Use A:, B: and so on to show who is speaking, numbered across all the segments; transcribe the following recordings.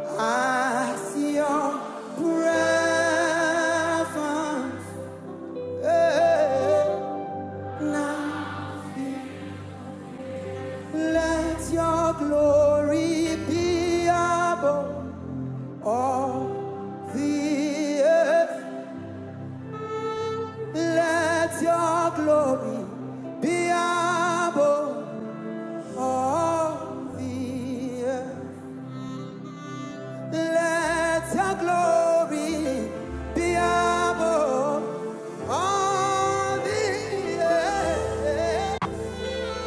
A: I see your presence. eh, Now let your glory be above all the earth. Let your glory be above all the earth. Let your glory be above all the earth.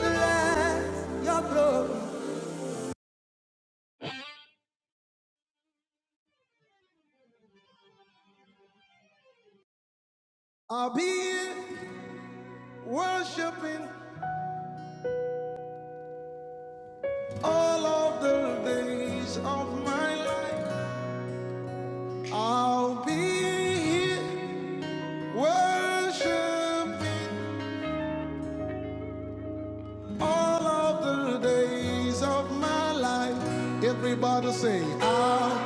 A: Let your glory I'll be worshiping all of the days of my life. I'll be here worshiping all of the days of my life. Everybody say, I'll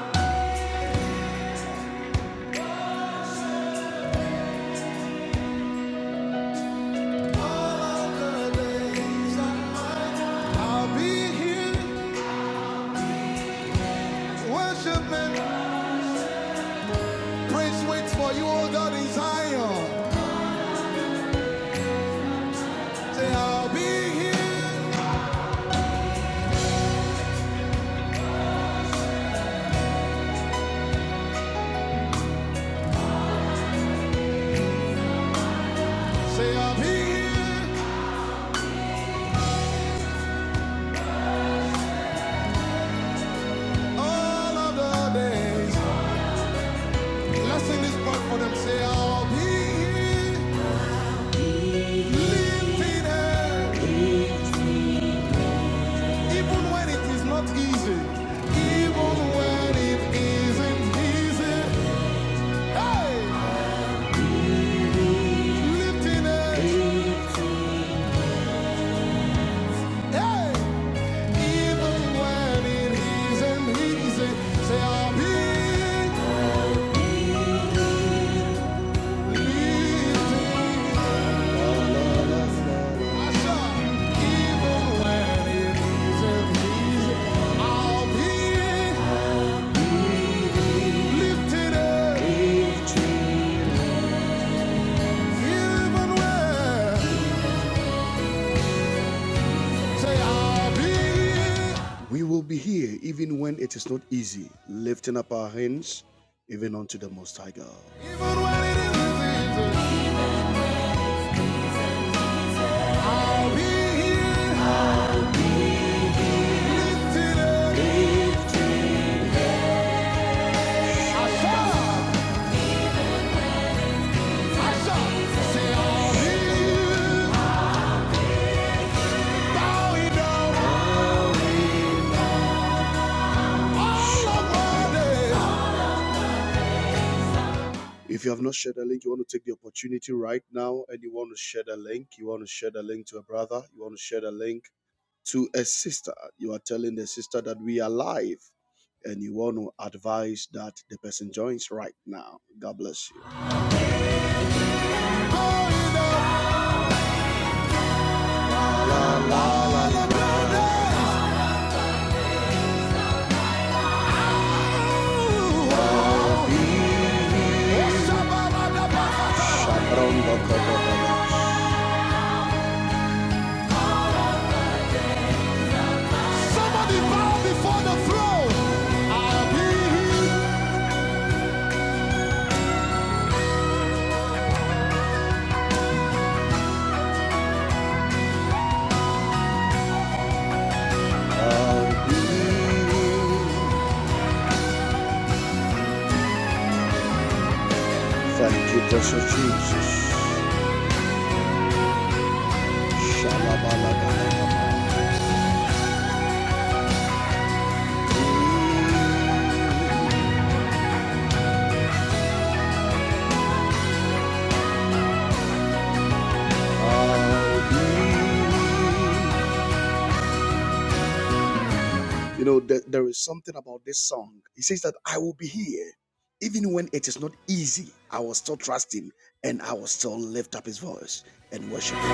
A: I'll be here worshiping. Praise waits for you, oh God, in Zion. Say, I'll be here. Say, I'll be here all of the days. Let's sing this part for them. Say, I'll be here, lifting hand, even when it is not easy. Even when it isn't easy. Hey, lifting hand. Hey. We will be here even when it is not easy, lifting up our hands even unto the Most High God. If you have not shared a link, you want to take the opportunity right now and you want to share the link, you want to share the link to a brother, you want to share the link to a sister. You are telling the sister that we are live and you want to advise that the person joins right now. God bless you. La, la, la, la, la, la. Somebody bow before the throne. I'll be Thank you, precious Jesus. I'll be you. You know, there there is something about this song. It says that I will be here. Even when it is not easy, I will still trust him and I will still lift up his voice and worship him.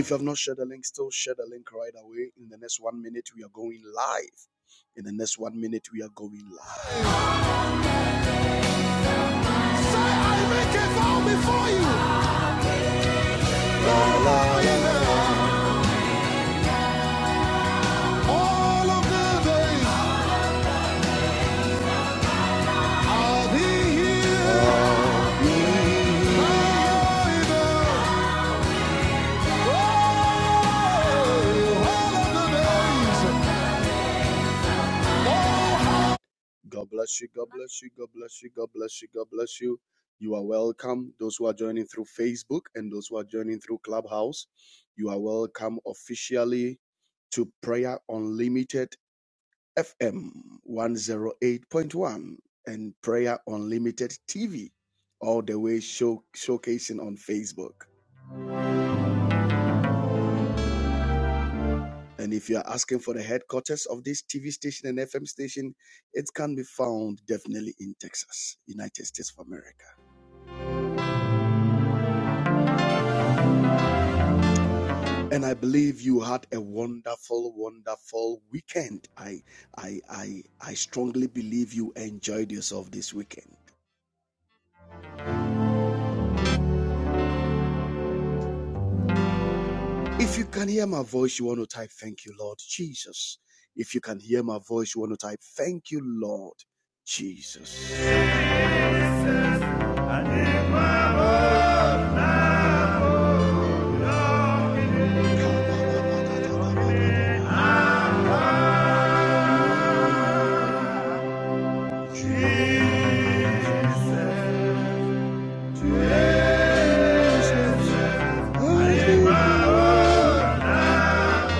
A: If you have not shared the link, still share the link right away. In the next one minute, we are going live. In the next one minute, we are going live. Say, I make a vow before you. All of the days I'll be here. I'll be here. Oh. God bless you. God bless you. God bless you. God bless you. God bless you. You are welcome. Those who are joining through Facebook and those who are joining through Clubhouse, you are welcome officially to Prayer Unlimited FM 108.1 and Prayer Unlimited TV, all the way show, showcasing on Facebook. And if you are asking for the headquarters of this TV station and FM station, it can be found definitely in Texas, United States of America. And I believe you had a wonderful, wonderful weekend. I, I, I, I strongly believe you enjoyed yourself this weekend. If you can hear my voice, you want to type, Thank you, Lord Jesus. If you can hear my voice, you want to type, Thank you, Lord Jesus.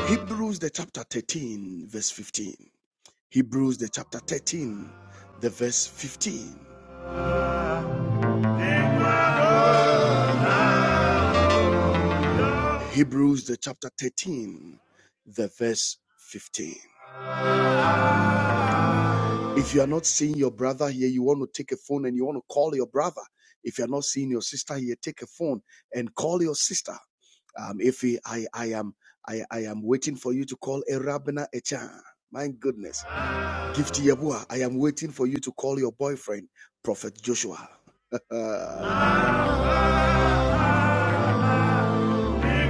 A: Hebrews, the chapter 13, verse 15. Hebrews the chapter 13, the verse 15. Hebrews the chapter 13, the verse 15. If you are not seeing your brother here, you want to take a phone and you want to call your brother. If you're not seeing your sister here, take a phone and call your sister. Um, if he- I, I am I, I am waiting for you to call a Rabina Echan. My goodness. Gift Yabua, I am waiting for you to call your boyfriend, Prophet Joshua. la,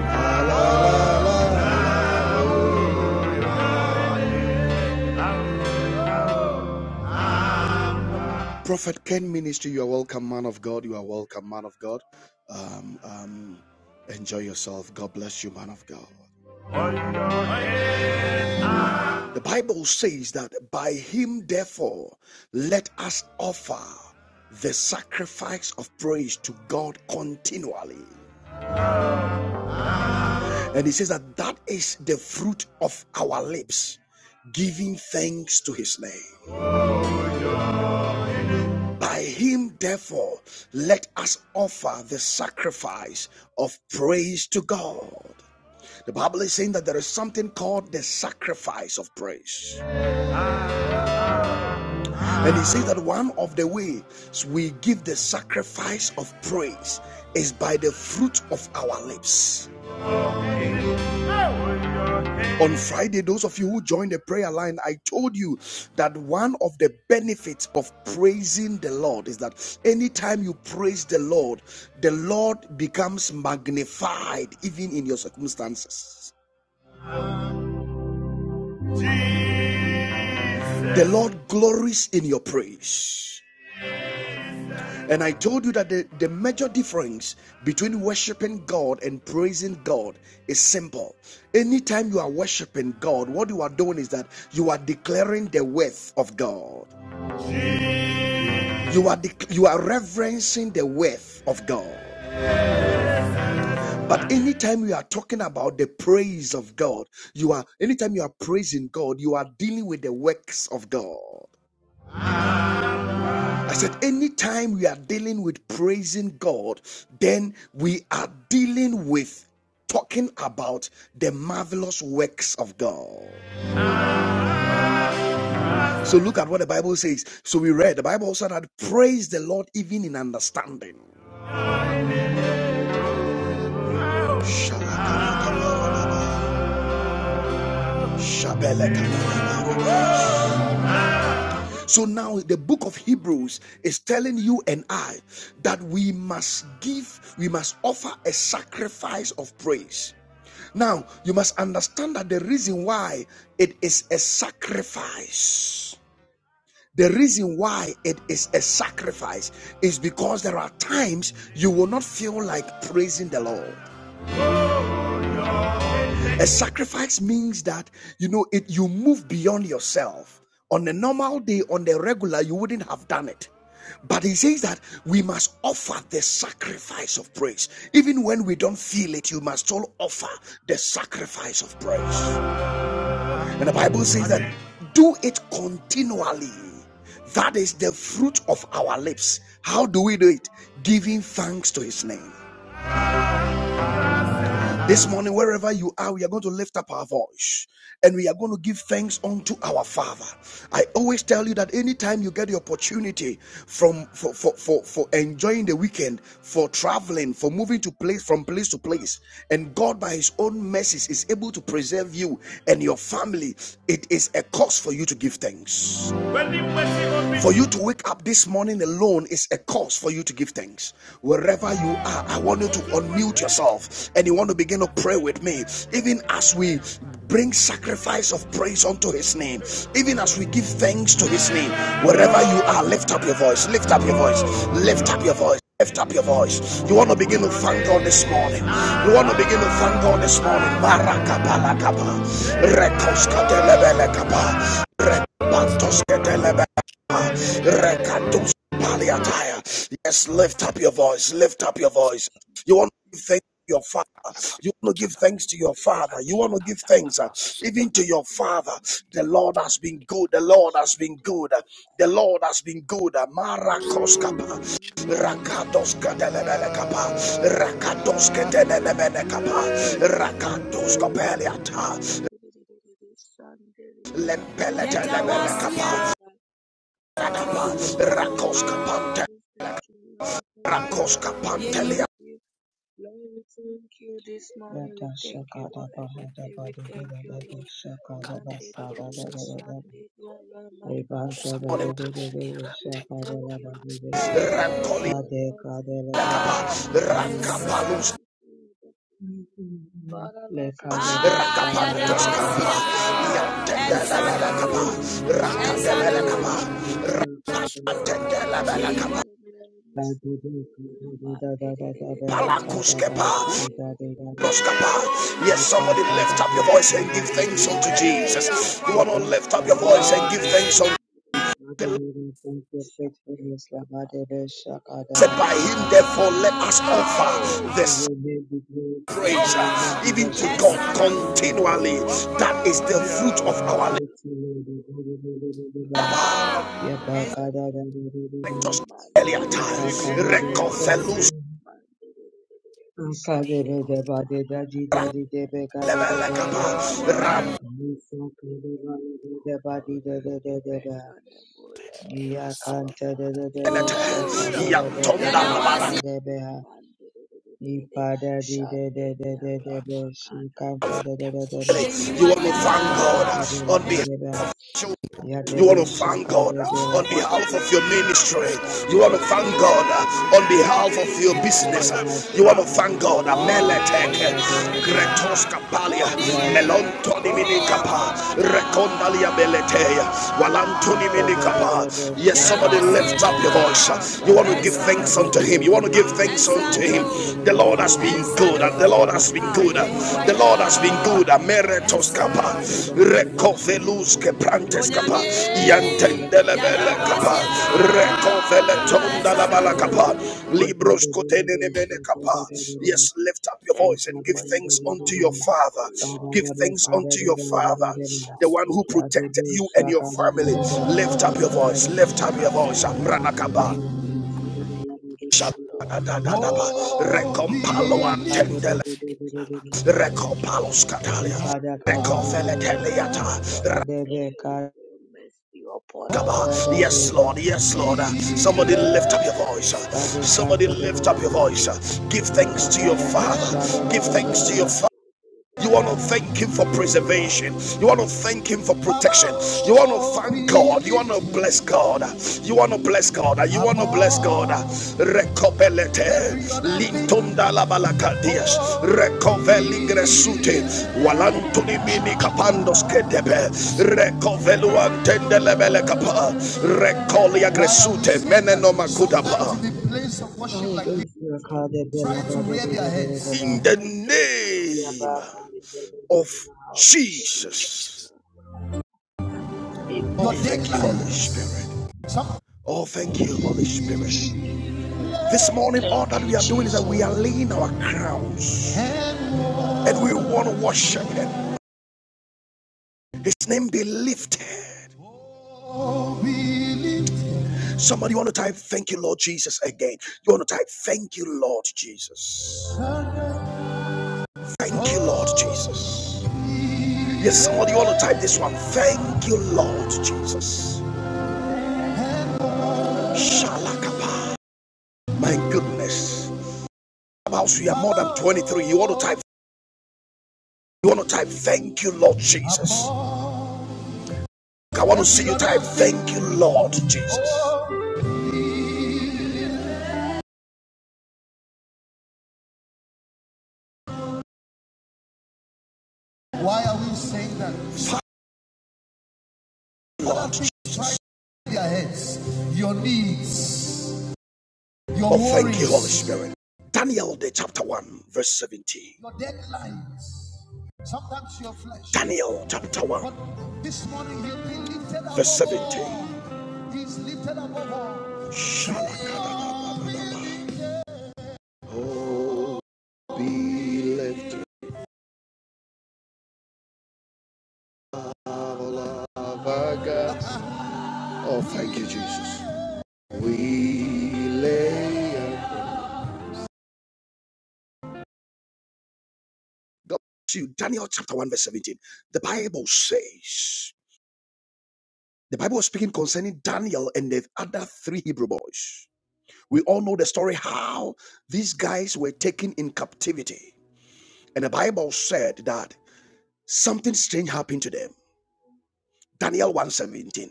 A: la, la, la. Prophet Ken Ministry, you are welcome, man of God. You are welcome, man of God. Um, um, enjoy yourself. God bless you, man of God. The Bible says that by him, therefore, let us offer the sacrifice of praise to God continually. And he says that that is the fruit of our lips, giving thanks to his name. By him, therefore, let us offer the sacrifice of praise to God. The Bible is saying that there is something called the sacrifice of praise. And it says that one of the ways we give the sacrifice of praise is by the fruit of our lips. On Friday, those of you who joined the prayer line, I told you that one of the benefits of praising the Lord is that anytime you praise the Lord, the Lord becomes magnified even in your circumstances. The Lord glories in your praise. And I told you that the, the major difference between worshiping God and praising God is simple. Anytime you are worshiping God, what you are doing is that you are declaring the worth of God. You are dec- you are reverencing the worth of God. But anytime you are talking about the praise of God, you are anytime you are praising God, you are dealing with the works of God. I said, anytime we are dealing with praising God, then we are dealing with talking about the marvelous works of God. So look at what the Bible says. So we read, the Bible also said that praise the Lord even in understanding. Shabbat, So now the book of Hebrews is telling you and I that we must give, we must offer a sacrifice of praise. Now, you must understand that the reason why it is a sacrifice, the reason why it is a sacrifice is because there are times you will not feel like praising the Lord. A sacrifice means that you know it you move beyond yourself. On a normal day, on the regular, you wouldn't have done it. But he says that we must offer the sacrifice of praise. Even when we don't feel it, you must still offer the sacrifice of praise. And the Bible says that do it continually. That is the fruit of our lips. How do we do it? Giving thanks to his name. This morning, wherever you are, we are going to lift up our voice and we are going to give thanks unto our Father. I always tell you that anytime you get the opportunity from for, for, for, for enjoying the weekend, for traveling, for moving to place from place to place, and God by his own mercies is able to preserve you and your family, it is a cause for you to give thanks. For you to wake up this morning alone is a cause for you to give thanks. Wherever you are, I want you to unmute yourself and you want to begin to pray with me. Even as we bring sacrifice of praise unto his name, even as we give thanks to his name, wherever you are, lift up your voice, lift up your voice, lift up your voice. Lift up your voice. You want to begin to thank God this morning. You want to begin to thank God this morning. Marakabalakaba. Rekoskadelebelekaba. Rebantoskadelebelekaba. Rekatuspaliataya. Yes, lift up your voice. Lift up your voice.
B: Translations
A: You want to thank
B: and
A: your
B: translations
A: father. You want to
C: Shut
A: give
C: up.
B: of
A: thanks to your father.
B: derivatives
A: You want to give thanks uh, even to your father.
B: meaning
A: The Lord has
B: occur
A: been good. The
B: under
A: Lord has been
B: certain
A: good. The Lord has been good. Marakoskapa. Rakatos kedelele kapa, rakatos kedelele kapa, rakatos kapeliata, lempele telele kapa, rakapa,
B: Thank you,
A: rakos
B: Lord Jesus. Thank you, Lord Jesus.
A: kapante,
B: Thank you,
A: rakos
B: Lord. We
A: kapantelia,
B: thank you. Lord, we thank you this morning.
D: Yada
B: We thank you
D: shakada
B: for
D: bahada
B: everything. We
D: badada
B: thank you,
D: dada
B: Lord.
D: shakada
B: Monday,
D: basada dada dada
B: Sunday,
D: Rebanta dada dada dada shakada
B: Thank you,
D: dada dada
B: Lord. Thank
A: rakoli,
B: you,
D: Sade
B: Lord. Thank
D: kada dada
B: you,
D: dada
B: Lord. for it.
D: dada
A: rakapalus,
B: Thank you, Lord. for it. Father,
D: Le
B: Lord,
D: kada
B: together here we
D: bashada
B: say
A: rakapantos
D: dada
B: thank you,
A: kapa,
D: dada
B: Lord.
D: Visi
A: yantendelele kapa,
D: dada
B: Mandiri
D: dada
A: rakadelele
D: dada
A: kapa,
D: dada shakada dada dada
B: Ram
A: antendelele kapa,
D: Lade dada dada dada dada kada
A: palakus kepa,
D: bahasi dada dada
A: Yes,
D: Ipa
A: somebody lift
D: kada
A: up your voice
D: visi
A: and give
D: dada dada
A: thanks unto
D: dada
A: Jesus.
D: O
A: You want to
D: Lord,
A: lift up your
D: Father,
A: voice
D: Lord,
A: and give
D: Lord,
A: thanks unto
D: Father, Lord, we will thank your faithfulness, Labadebe,
A: Blessed
D: Shakadaba,
A: by him, therefore, let
D: Sadadadadaba.
A: us offer
D: May
A: this
D: your name be glorified,
A: praise
D: may your name
A: uh,
D: be
A: even to
D: worshipped,
A: God
D: Abadadadaba.
A: continually. That is the fruit
B: We
A: of
D: And we
A: our
D: say
A: lips.
D: to you, Lord, Lord, Lord, Lord, Lord, Lord,
B: thank you, we bless your name.
D: Yabakadadadadadadaba,
A: earlier
B: Mandere-
A: time.
D: Ipakadebe,
A: Recovelus
D: Sayo,
B: mandere- shandere,
D: Akadebedeba,
B: makarere-
D: Dedajidedidebe,
B: Lord,
D: Kadebedeba,
B: Lord, King
A: levelekapa,
B: of Kings, we say thank
D: Musakadeba,
B: you, O Lord. We bless
D: Dedebadidededeba.
B: your name, O Lord. Abba,
D: Yakanta de
B: Father,
D: de de be
B: thank
A: rampenete,
B: you,
D: shaka
B: Lord.
D: de de be
B: Thank
D: de
A: yantonda
D: be
B: you,
D: sa de be
B: Lord.
D: ha.
B: Mandere-
D: Ipada di de de
B: shandere,
D: de de de be shikanta de de de de be ha.
B: ramakarere-
A: You want to thank
D: Isaka de be
A: God
D: la
A: on
D: ba
A: behalf.
D: de be ha.
A: of
D: Ya de
A: You want
D: be
A: to thank
D: shaka
A: God
D: de be la
A: on
D: ba de
A: behalf of
D: be.
A: your ministry.
D: Sada
A: You
D: di
A: want to
D: de de
A: thank
D: de
A: God
D: de de de
A: on
D: de.
A: behalf of your
D: Ipada ba
A: business. You want to
D: shika
A: thank
D: de be
A: God.
D: le de be
A: Ameleteke,
D: shaka de le ba ha.
A: Gretos Kapalia, Melontoni
B: Thank you.
A: Minikapa,
B: We thank you for
A: Recondalia
B: the life of
A: Beletea,
B: our family.
A: Walantoni
D: Yanta
B: We
D: de de
A: Minikapa.
D: de
B: thank
D: be
B: you
A: Yes,
B: for the
D: shaka
A: somebody
D: de le
A: lift up
D: be
A: your
B: relationship.
D: de be.
A: voice.
B: um,
A: You
D: Sa
A: want
D: de
A: to
B: We
A: give
D: be
B: thank
A: thanks
D: kada
A: unto
D: di
B: you
A: Him.
D: de
A: You
B: for
D: de
A: want to
D: de
A: give
D: de
B: being
D: be.
A: thanks
B: with us
A: unto
B: in
A: Him.
B: the
D: Yakanta de de
B: name
A: The
D: de
B: of
D: be
A: Lord
D: ha.
A: has been
B: Jesus
A: good
B: Christ.
A: and
D: Yeba
A: the
D: kade
A: Lord has
D: bede
A: been good.
D: bede
B: Mandiri
D: bede
A: The Lord has been
B: Sandiri
A: good. Ameretos kapa,
B: Thanks
A: recovelus
B: the
A: ke
B: being
A: prantes
B: good
A: kapa,
B: to us, O
A: yantendele
B: Lord.
A: bele
B: Thanks
A: kapa,
B: for your protection, O
A: recovele
B: Lord.
A: tonda la bala
B: Thank
A: kapa,
B: you for your
A: libros
B: mercy
A: kotenene mene
B: upon our
A: kapa.
B: head, O
A: Yes,
B: Lord.
A: lift up your
B: Thank
A: voice
B: you
A: and give
B: for
A: thanks
B: showing
A: unto
B: us
A: your
B: love, O
A: Father.
B: Lord.
A: Give
B: Abba
A: thanks
B: Father,
A: unto your Father, the one who protected you and your family. Lift up your voice. Lift up your voice. Amrana
B: together
A: kapa.
B: here we say thank you, Lord. Abba Father, thank you,
A: Recompalo
B: thank you,
A: antende
B: thank you, thank you, thank you,
A: Recopalos Catalia.
B: thank you
D: Ipada
B: for your
D: kada de de de de.
B: preservation,
A: Recofeleteliata.
B: O Lord.
D: Sadebe
B: Thank you
D: kada
B: for your mercy upon our
A: Rakaba.
B: head,
D: da
B: O
D: de
A: Yes,
B: Lord.
D: da
A: Lord. Yes,
B: Thank
A: Lord.
B: you, Lord.
A: Somebody
D: de ba.
A: lift
B: Thank
A: up your
B: you,
A: voice.
B: Lord.
D: Sade
A: Somebody
D: kanta de
A: lift
D: de
A: up your
D: de
B: Monday,
D: de.
A: voice.
B: you
A: Give
B: for
A: thanks
D: Ipa
A: to your
D: kada ba
A: Father.
D: shade de
A: Give
D: de de
A: thanks to your
D: de.
A: Father. You want to thank Him for preservation. You want to thank Him for protection. You want to thank God. You want to bless God. You want to bless God. You want to bless God. Recopelete. Lintunda la
B: protecting us. Lord.
A: balacadias.
B: We thank you for protecting our
A: Recoveligresute.
B: family. Lord. We
A: Walantuni
B: thank
A: mini
B: you for
A: capandos
B: protecting our
A: kedebe.
B: loved ones. Lord. We thank you for
A: Recoveluantendelebele capa.
B: protecting our enemies.
A: Recolia gresute. Menenoma kudaba.
B: Lord.
D: Aye
B: Lord, we
D: besra
B: thank
D: kada
B: you
D: de
B: for
D: la ba de de de de
B: preservation
D: de de
B: now.
D: ba.
A: In the
B: We thank you, our
D: Ya
A: name
D: ba
B: Father. We
D: kada de
B: thank
D: de de
B: you,
D: de
A: of
D: ba.
B: of Jesus.
A: Jesus.
C: Jesus.
A: Oh,
B: Amen.
A: thank
D: Amen.
A: you, Holy Spirit. Oh, thank you, Holy Spirit. This morning,
B: Thank
A: all that
B: you,
A: we are doing is that we
B: Jesus.
A: are laying our crowns and we want to worship Him. His name be lifted. Somebody want to type, Thank you, Lord Jesus, again. You want to type, Thank you, Lord Jesus. Thank you, Lord Jesus. Yes, somebody want to type this one, Thank you, Lord Jesus. Shalakapa. My goodness. About we are more than 23. You want to type, you want to type, Thank you, Lord Jesus. I want to see you time. thank you, Lord Jesus. Why are we saying that? Lord Jesus, people heads, your needs, your worries. Oh, thank you, Holy Spirit. Daniel, the chapter 1, verse 17. your deadlines, sometimes your flesh. Daniel, chapter 1, But this morning you'll be lifted up. verse 17. all. Be lifted up, Oh, thank you, Jesus. We lay God bless you. Daniel chapter 1, verse 17. The Bible says, the Bible was speaking concerning Daniel and the other three Hebrew boys. We all know the story how these guys were taken in captivity. And the Bible said that something strange happened to them. Daniel one seventeen.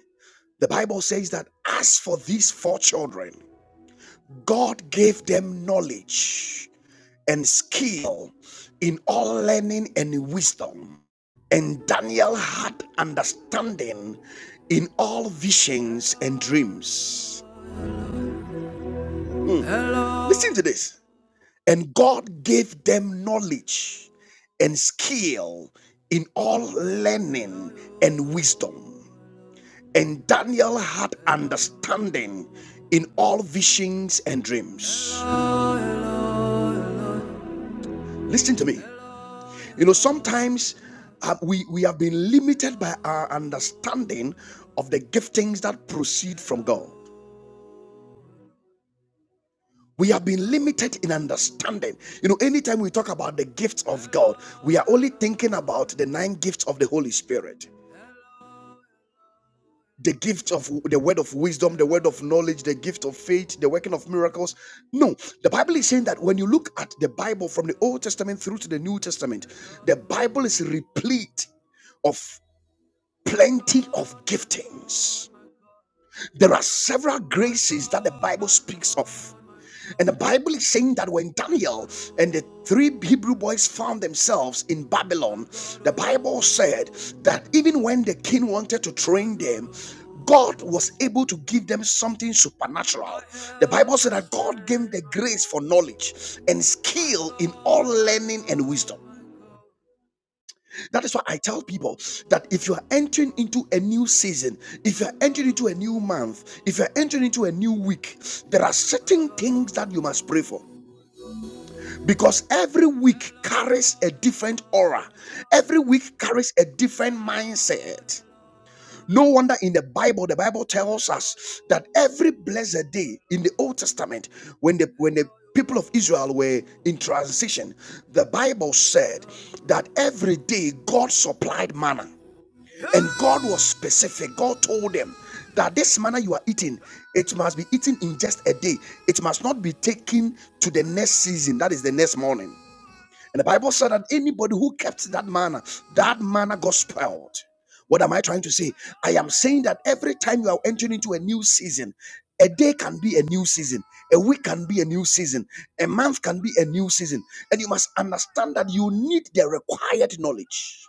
A: The Bible says that as for these four children, God gave them knowledge and skill in all learning and wisdom. And Daniel had understanding in all visions and dreams. Listen to this. And God gave them knowledge and skill in all learning and wisdom. And Daniel had understanding in all visions and dreams. Listen to me. You know, sometimes uh, we, we have been limited by our understanding of the giftings that proceed from God. We have been limited in understanding. You know, anytime we talk about the gifts of God, we are only thinking about the nine gifts of the Holy Spirit the gift of the word of wisdom, the word of knowledge, the gift of faith, the working of miracles. No, the Bible is saying that when you look at the Bible from the Old Testament through to the New Testament, the Bible is replete. of. plenty of giftings. There are several graces that the Bible speaks of. And the Bible is saying that when Daniel and the three Hebrew boys found themselves in Babylon, the Bible said that even when the king wanted to train them, God was able to give them something supernatural. The Bible said that God gave the grace for knowledge and skill in all learning and wisdom. That is why I tell people that if you are entering into a new season, if you are entering into a new month, if you are entering into a new week, there are certain things that you must pray for. Because every week carries a different aura, every week carries a different mindset. No wonder in the Bible, the Bible tells us that every blessed day in the Old Testament, when the when the people of Israel were in transition, the Bible said that every day God supplied manna. And God was specific. God told them that this manna you are eating, it must be eaten in just a day. It must not be taken to the next season, that is the next morning. And the Bible said that anybody who kept that manna, that manna got spoiled. What am I trying to say? I am saying that every time you are entering into a new season, a day can be a new season, a week can be a new season, a month can be a new season. And you must understand that you need the required knowledge,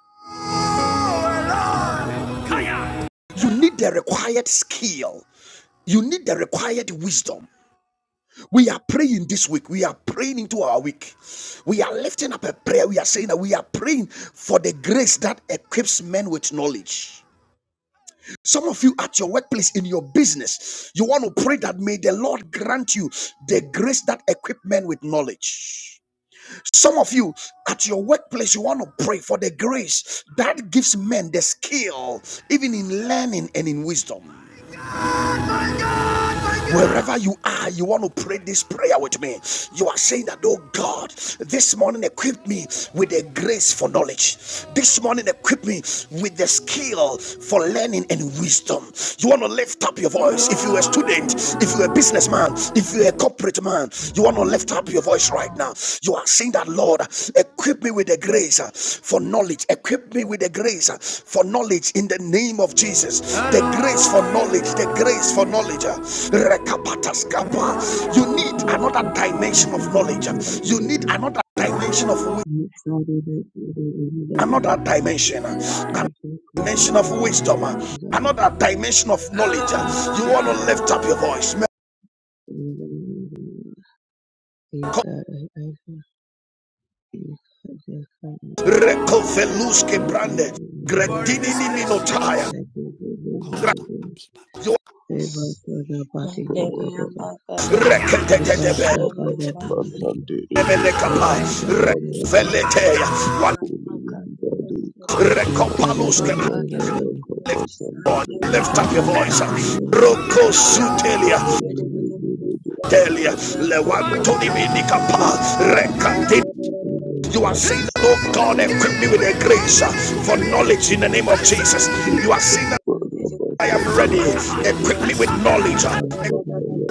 A: you need the required skill, You need the required wisdom. We are praying this week. We are praying into our week. We are lifting up a prayer. We are saying that we are praying for the grace that equips men with knowledge. Some of you at your workplace, in your business, you want to pray that may the Lord grant you the grace that equips men with knowledge. Some of you at your workplace, you want to pray for the grace that gives men the skill, even in learning and in wisdom. Wherever you are, you want to pray this prayer with me. You are saying that, oh God, this morning equip me with the grace for knowledge. This morning equip me with the skill for learning and wisdom. You want to lift up your voice. If you're a student, if you're a businessman, if you're a corporate man, you want to lift Lift up your voice right now. You are saying that, Lord, equip me with the grace uh, for knowledge. Equip me with the grace uh, for knowledge in the name of Jesus. The grace for knowledge. The grace for knowledge. uh, rekapataskapa. You need another
D: Besra kada de
A: dimension
D: de
A: of
D: de de
A: knowledge.
D: de
A: You
D: de
A: need
D: de.
A: another dimension of wi-
D: Sade de de de de de de ba.
A: another dimension. uh,
D: Ipa kada de de de de de de ba Besu kada de de
A: dimension of
D: de
A: wisdom, uh, another dimension of knowledge. uh, You want to lift up your voice.
D: de de de ba. Ya kada de de de de de de. These are I I.
A: Recoveluske brande. Gretini ni minotaya.
C: Costa, Iba
A: Grazio.
C: Costa,
B: Mandelia
E: Sunday,
B: maga da da da
C: Carlos,
B: da da.
C: Carlos,
A: Reketetebe.
B: Shandelia
C: Ali,
B: Mandelia.
A: Emene kapa.
B: Ram
C: Scotty,
A: Reveleteya.
C: Sanam,
A: One. Recopaluske.
C: Era,
A: Lift up your voice.
C: Sanama,
D: Baba,
C: Era,
A: Roko sutelia. Delia. Lewantoni mini kapa. Rekatini. You are saying that, oh God, equip me with a
C: Era,
A: grace uh, for knowledge in the name of Jesus. You are saying that I am ready. Equip me with knowledge. uh,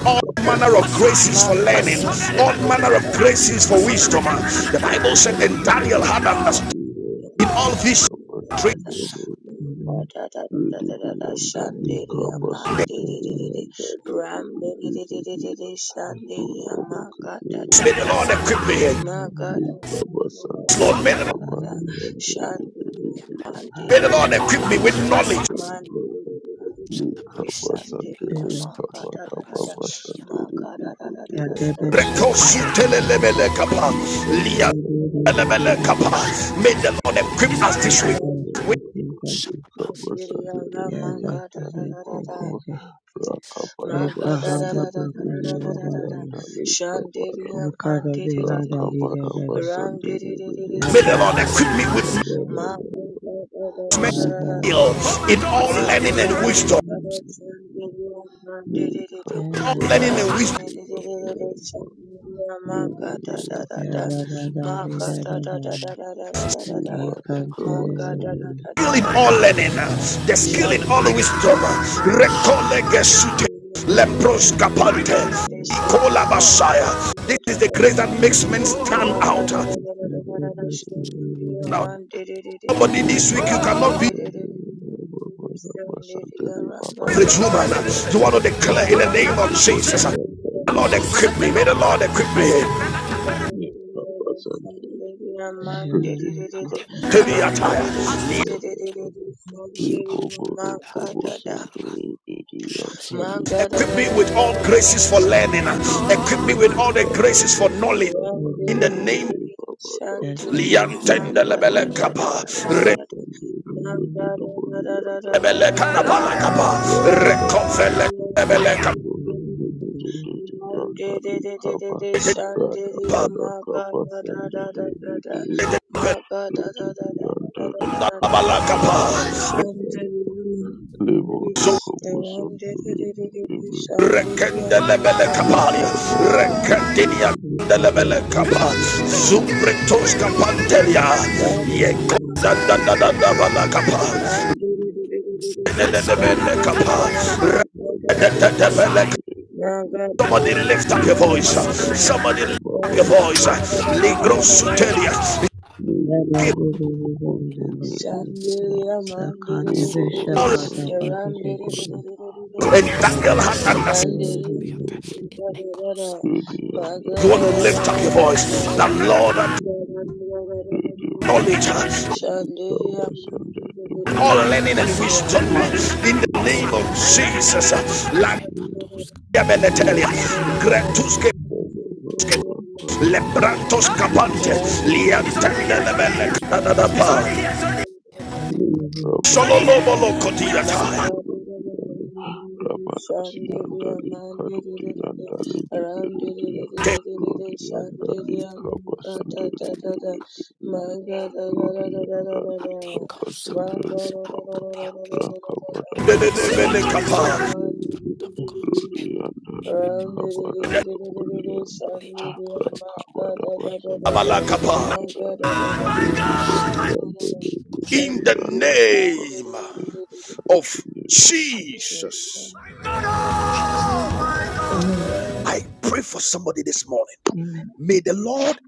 A: all manner of graces for learning,
B: Shandiria
A: all manner of graces for wisdom. The Bible said, that Daniel had understood in all these traits.
C: Sanam, Sanama,
E: Sunday,
A: May the Lord equip me. Yes,
E: Baba Sunday,
A: Lord, may the Lord,
E: Baba Sunday, Baby, equip me
A: may the Lord
E: with
A: equip me with knowledge.
C: Sanama,
E: wisdom, Lord.
C: Sanama,
E: Nikaba
C: Ente,
E: Sunday,
D: Debe,
C: Coscati,
E: Kaba,
B: Manga
C: Marazo,
E: Baba
C: Nevia,
B: my
E: Sunday,
B: God, da, da,
E: Baby,
B: da, da,
D: ya
B: da, da, da,
E: and
B: da,
D: debe
B: da,
E: Daddy,
B: da, da,
E: Baba.
D: shakada
B: da, da.
D: ba debe.
B: My God,
A: Rekosutelelebelekapa,
B: da, da, da, da, da,
E: Nikaba
B: da,
D: Debe,
B: da, da,
E: Sunday,
B: da,
D: debe,
B: sing
D: debe,
B: to
E: Baby,
D: debe.
B: you,
A: May
B: I
A: the
C: Sanamia,
B: do,
A: Lord
B: do,
A: equip
B: do,
A: us
D: Yaki
A: this
B: do.
A: week.
D: debe,
B: Run, do, do, do,
D: yaki
B: do, do.
D: debe.
C: Sanama,
B: Sing to
E: Nikaba
B: you, I
E: Sunday,
B: love
D: Ya
E: Baby,
B: my
E: and
B: God, da,
D: zaki
B: da,
E: Daddy,
B: da,
D: zeki
B: da, da.
E: Baba.
D: zeki.
E: Rakaba
D: Epa
C: Narasca,
D: hada
E: Sunday,
D: ba kanda
E: Baby,
D: la ba
E: and
B: Magadadadadadadadadadada.
D: debe.
E: Daddy,
B: Shandelia
E: Kaba,
D: Shakada be rada di
B: pandidididididi.
D: de de de.
E: Thank
A: May
D: Yata
A: the Lord
D: da di
A: equip me
D: de
A: with
B: Ramdidididididididididi.
D: de
A: knowledge
D: de. Aza
C: Sanama,
B: Magadadadadadadadada.
A: in all learning and
B: Magadadadadadadada.
A: wisdom.
B: Shandelia pandidididi.
C: Grande
A: All
D: ya. Ya
A: learning
C: Costa,
A: and wisdom.
B: Ramdididididididi. Shandelia
D: ya
B: magadadadada.
C: Scotama,
D: da ba da di da da
C: Ibaraseta,
D: da.
C: Sanama,
B: Magadadadadadadadadada.
D: Ikante
C: Sanama,
D: de de de.
A: skill in all learning,
B: Magadadadadadadadada.
D: Ya.
A: the skill in all
B: Shandelia
A: wisdom.
D: Ya da
B: mandidididididi.
D: da
A: Recolegesute, lepros
D: da
A: capante,
D: da.
A: Nicola Messiah. This is the grace that makes
D: Sakata
A: men stand out.
E: you.
A: Now,
C: Shakata,
A: somebody this week, you
E: Nimara
A: cannot be an
E: yasandere nebabara basandere babala
A: average woman.
E: kabara
A: You want
E: bira
A: to declare in the name of
E: rakaduhori
A: Jesus. May the
E: yandare
A: Lord equip
E: bebere
A: me. May the Lord equip me.
E: neka basandere kredere
A: To
E: kadiri
A: the
E: yandare
A: attire.
E: babara neboboro kobo
B: Ram
E: sandere biri yandare
B: Shandelia,
A: Equip me with all
E: kababara baba
A: graces for learning. Equip me with
E: nebebere
A: all the graces
E: kababara
A: for knowledge. In the name
E: basandere
A: of
E: babara We
A: Liantende
E: cover
A: Lebele
E: the blood
A: Kappa.
E: of us and the blood of the Holy Almighty
A: Ebele kanabala
E: God.
A: kapa,
E: We are the devil
A: rekofele
E: who was
A: ebele
E: from the Lord, we do do do do, and that we cover. Father,
A: kapa,
E: Father, cover Sunday, we do do
B: my God, da
E: do
B: da da da
E: do do, and
B: da
E: that
B: da
E: we
B: da da da
E: cover.
B: da
A: abala
E: Father,
B: da da.
A: kapa,
E: Father, Father.
B: Shandelia,
E: Labor of
A: so
B: Shandelia,
E: commotion, we do do
B: Shandelia,
E: do do
B: Shandelia.
A: rekende
E: do, and
B: My
A: lebele
B: God, da
E: we
B: da
A: kapalia,
E: cover
B: da
E: Sunday, we
A: rekendinia
E: do do
A: kende
E: do do
A: lebele
E: do,
A: kapa, zumbretos
B: da.
E: cover.
A: kapantelia, yeko
B: Shandelia, Rama, da da da
A: da da da da da
B: da da
A: bala kapa,
B: da. My God, da da Shandeliyama deliri, ayam deliri deliri deliri
A: lebele kapa,
B: shandeliyama ga da da da da da
A: redebele.
B: Ma ga da
A: Somebody
B: da. da da
A: lift up your
B: da da
A: voice,
B: da da da.
A: somebody lift
B: Ma
A: up your
B: ga da
A: voice,
B: da da da da
A: ligro
B: da da da.
A: sutelia, give
B: Shandelia mandiri
A: all
B: randiri
A: entangle hand and Daniel had understood.
B: Shandelia mandiri magararararara
A: You want to lift up your voice.
B: magararararara
A: The Lord all each other,
B: Shandelia mandiri randiri Shandelia man de de
E: Sunday,
B: de
E: the
B: de de
A: all
E: Baba,
B: de.
A: learning and
B: Ram
A: wisdom
B: de de de
E: Rodi
B: de
A: in
B: de de
A: the name
E: and
A: of
B: de.
A: Jesus.
B: Zandelia man de
A: Landia
B: da da da da da da. Ram
A: Beletelia, Gretuske. Lebrantos capante, liantende de belle canada pa, solo lobo loco
B: Shandiria
A: diata, de
E: Dali Kaba Sandere Rudi yandali kaba sandali baba rakaba da
A: de de
E: baba
A: de
E: da baba
A: capa,
E: sandali
C: the blood of
E: baba
C: God
E: Rudi
C: and it
E: yandali
C: returns the
E: kaba da dobuli yanda
C: knowledge of God in
E: rakaba da
C: the
E: baba
C: name of
E: sandali
A: abala
E: baba de
C: Jesus.
E: yanda
C: It
E: Rudi
C: goes,
E: kodi yandali
C: it goes
E: baba
C: to
E: de
A: in
C: the
A: the
E: yanda liba
A: name
B: Mandiri
A: of
E: Tini
C: shut
E: mochi
B: Lord
C: up,
B: Jesus.
A: Jesus.
C: Jesus.
D: Amen.
B: Amen.
A: I pray for somebody this morning.
D: Amen.
A: May the Lord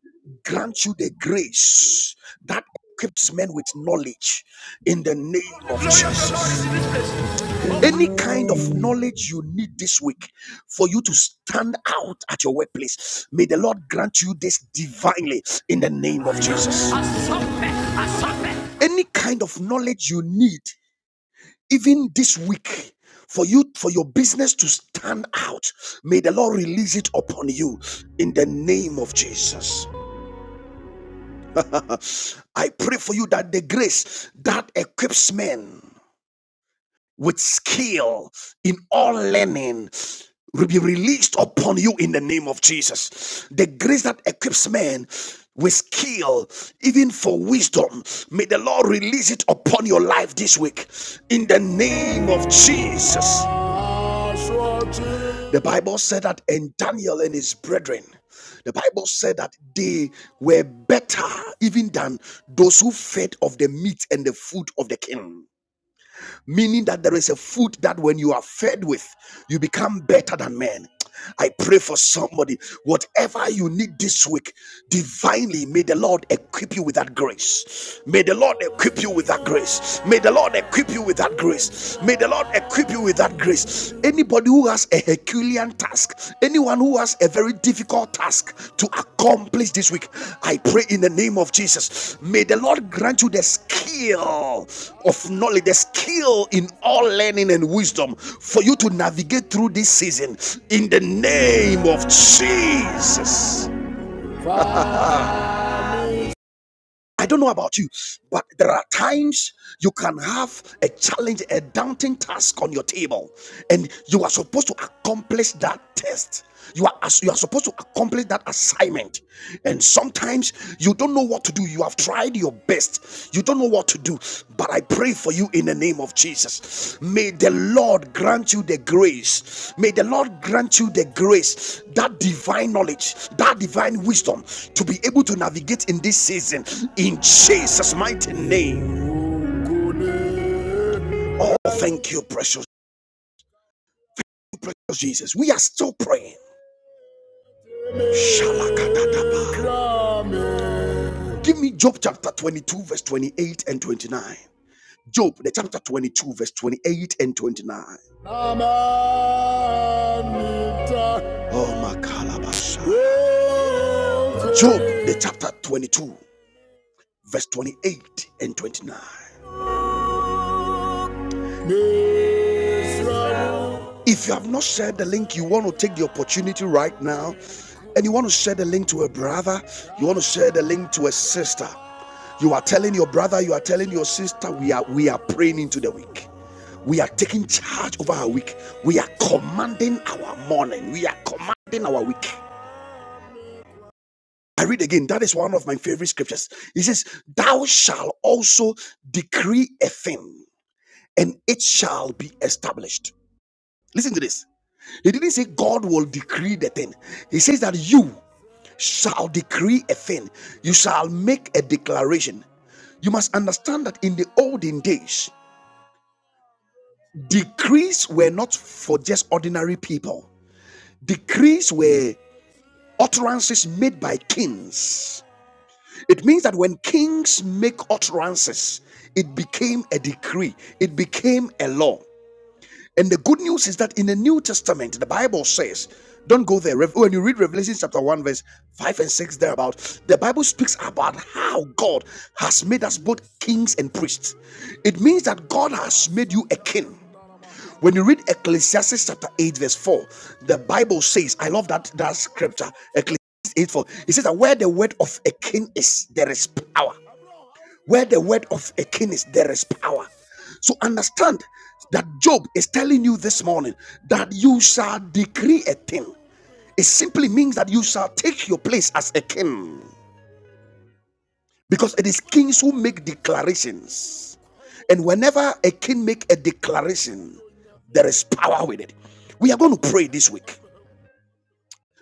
A: grant you the grace that equips men with knowledge in the name of Jesus.
D: Amen.
A: Any kind of
D: Amen.
B: Amen.
A: knowledge you need this week for you to stand out at your workplace, may the Lord grant you this divinely in the name of Jesus. Any kind of knowledge you need, even this week, for you for your business to stand out may the lord release it upon you in the name of jesus I pray for you that the grace that equips men with skill in all learning will be released upon you in the name of Jesus. The grace that equips men with skill, even for wisdom, may the Lord release it upon your life this week in the name of Jesus. The Bible said that, and Daniel and his brethren, the Bible said that they were better even than those who fed of the meat and the food of the king. Meaning that there is a food that when you are fed with, you become better than men. I pray for somebody, whatever you need this week, divinely, may the Lord equip you with that grace. May the Lord equip you with that grace. May the Lord equip you with that grace. May the Lord equip you with that grace. Anybody who has a Herculean task. Anyone who has a very difficult task to accomplish this week, I pray in the name of Jesus. May the Lord grant you the skill of knowledge, the skill in all learning and wisdom for you to navigate through this season in the name of Jesus. I don't know about you, but there are times you can have a challenge, a daunting task on your table, and you are supposed to accomplish that test. You are you are supposed to accomplish that assignment, and sometimes you don't know what to do. You have tried your best, you don't know what to do, but I pray for you in the name of Jesus. May the Lord grant you the grace. May the Lord grant you the grace, that divine knowledge, that divine wisdom to be able to navigate in this season in Jesus' mighty name. Oh, thank you, precious Jesus. We are still praying. Give me Job chapter 22, verse 28 and 29. Job, the chapter 22, verse 28 and 29. Oh, my Kalabasha. Job, the chapter 22, verse 28 and 29. If you have not shared the link, you want to take the opportunity right now and you want to share the link to a brother, you want to share the link to a sister. You are telling your brother, you are telling your sister, we are we are praying into the week. We are taking charge over our week. We are commanding our morning. We are commanding our week. I read again. That is one of my favorite scriptures. It says, Thou shalt also decree a thing and it shall be established. Listen to this. He didn't say God will decree the thing. He says that you shall decree a thing. You shall make a declaration. You must understand that in the olden days, decrees were not for just ordinary people. Decrees were utterances made by kings. It means that when kings make utterances, it became a decree, it became a law. And the good news is that in the New Testament, the Bible says, don't go there. Rev- When you read Revelation chapter 1, verse 5 and 6, thereabout, the Bible speaks about how God has made us both kings and priests. It means that God has made you a king. When you read Ecclesiastes chapter 8, verse 4, the Bible says, I love that, that scripture, Ecclesiastes 8, 4. It says that where the word of a king is, there is power. Where the word of a king is, there is power. So understand that Job is telling you this morning that you shall decree a thing. It simply means that you shall take your place as a king. Because it is kings who make declarations. And whenever a king makes a declaration, there is power with it. We are going to pray this week.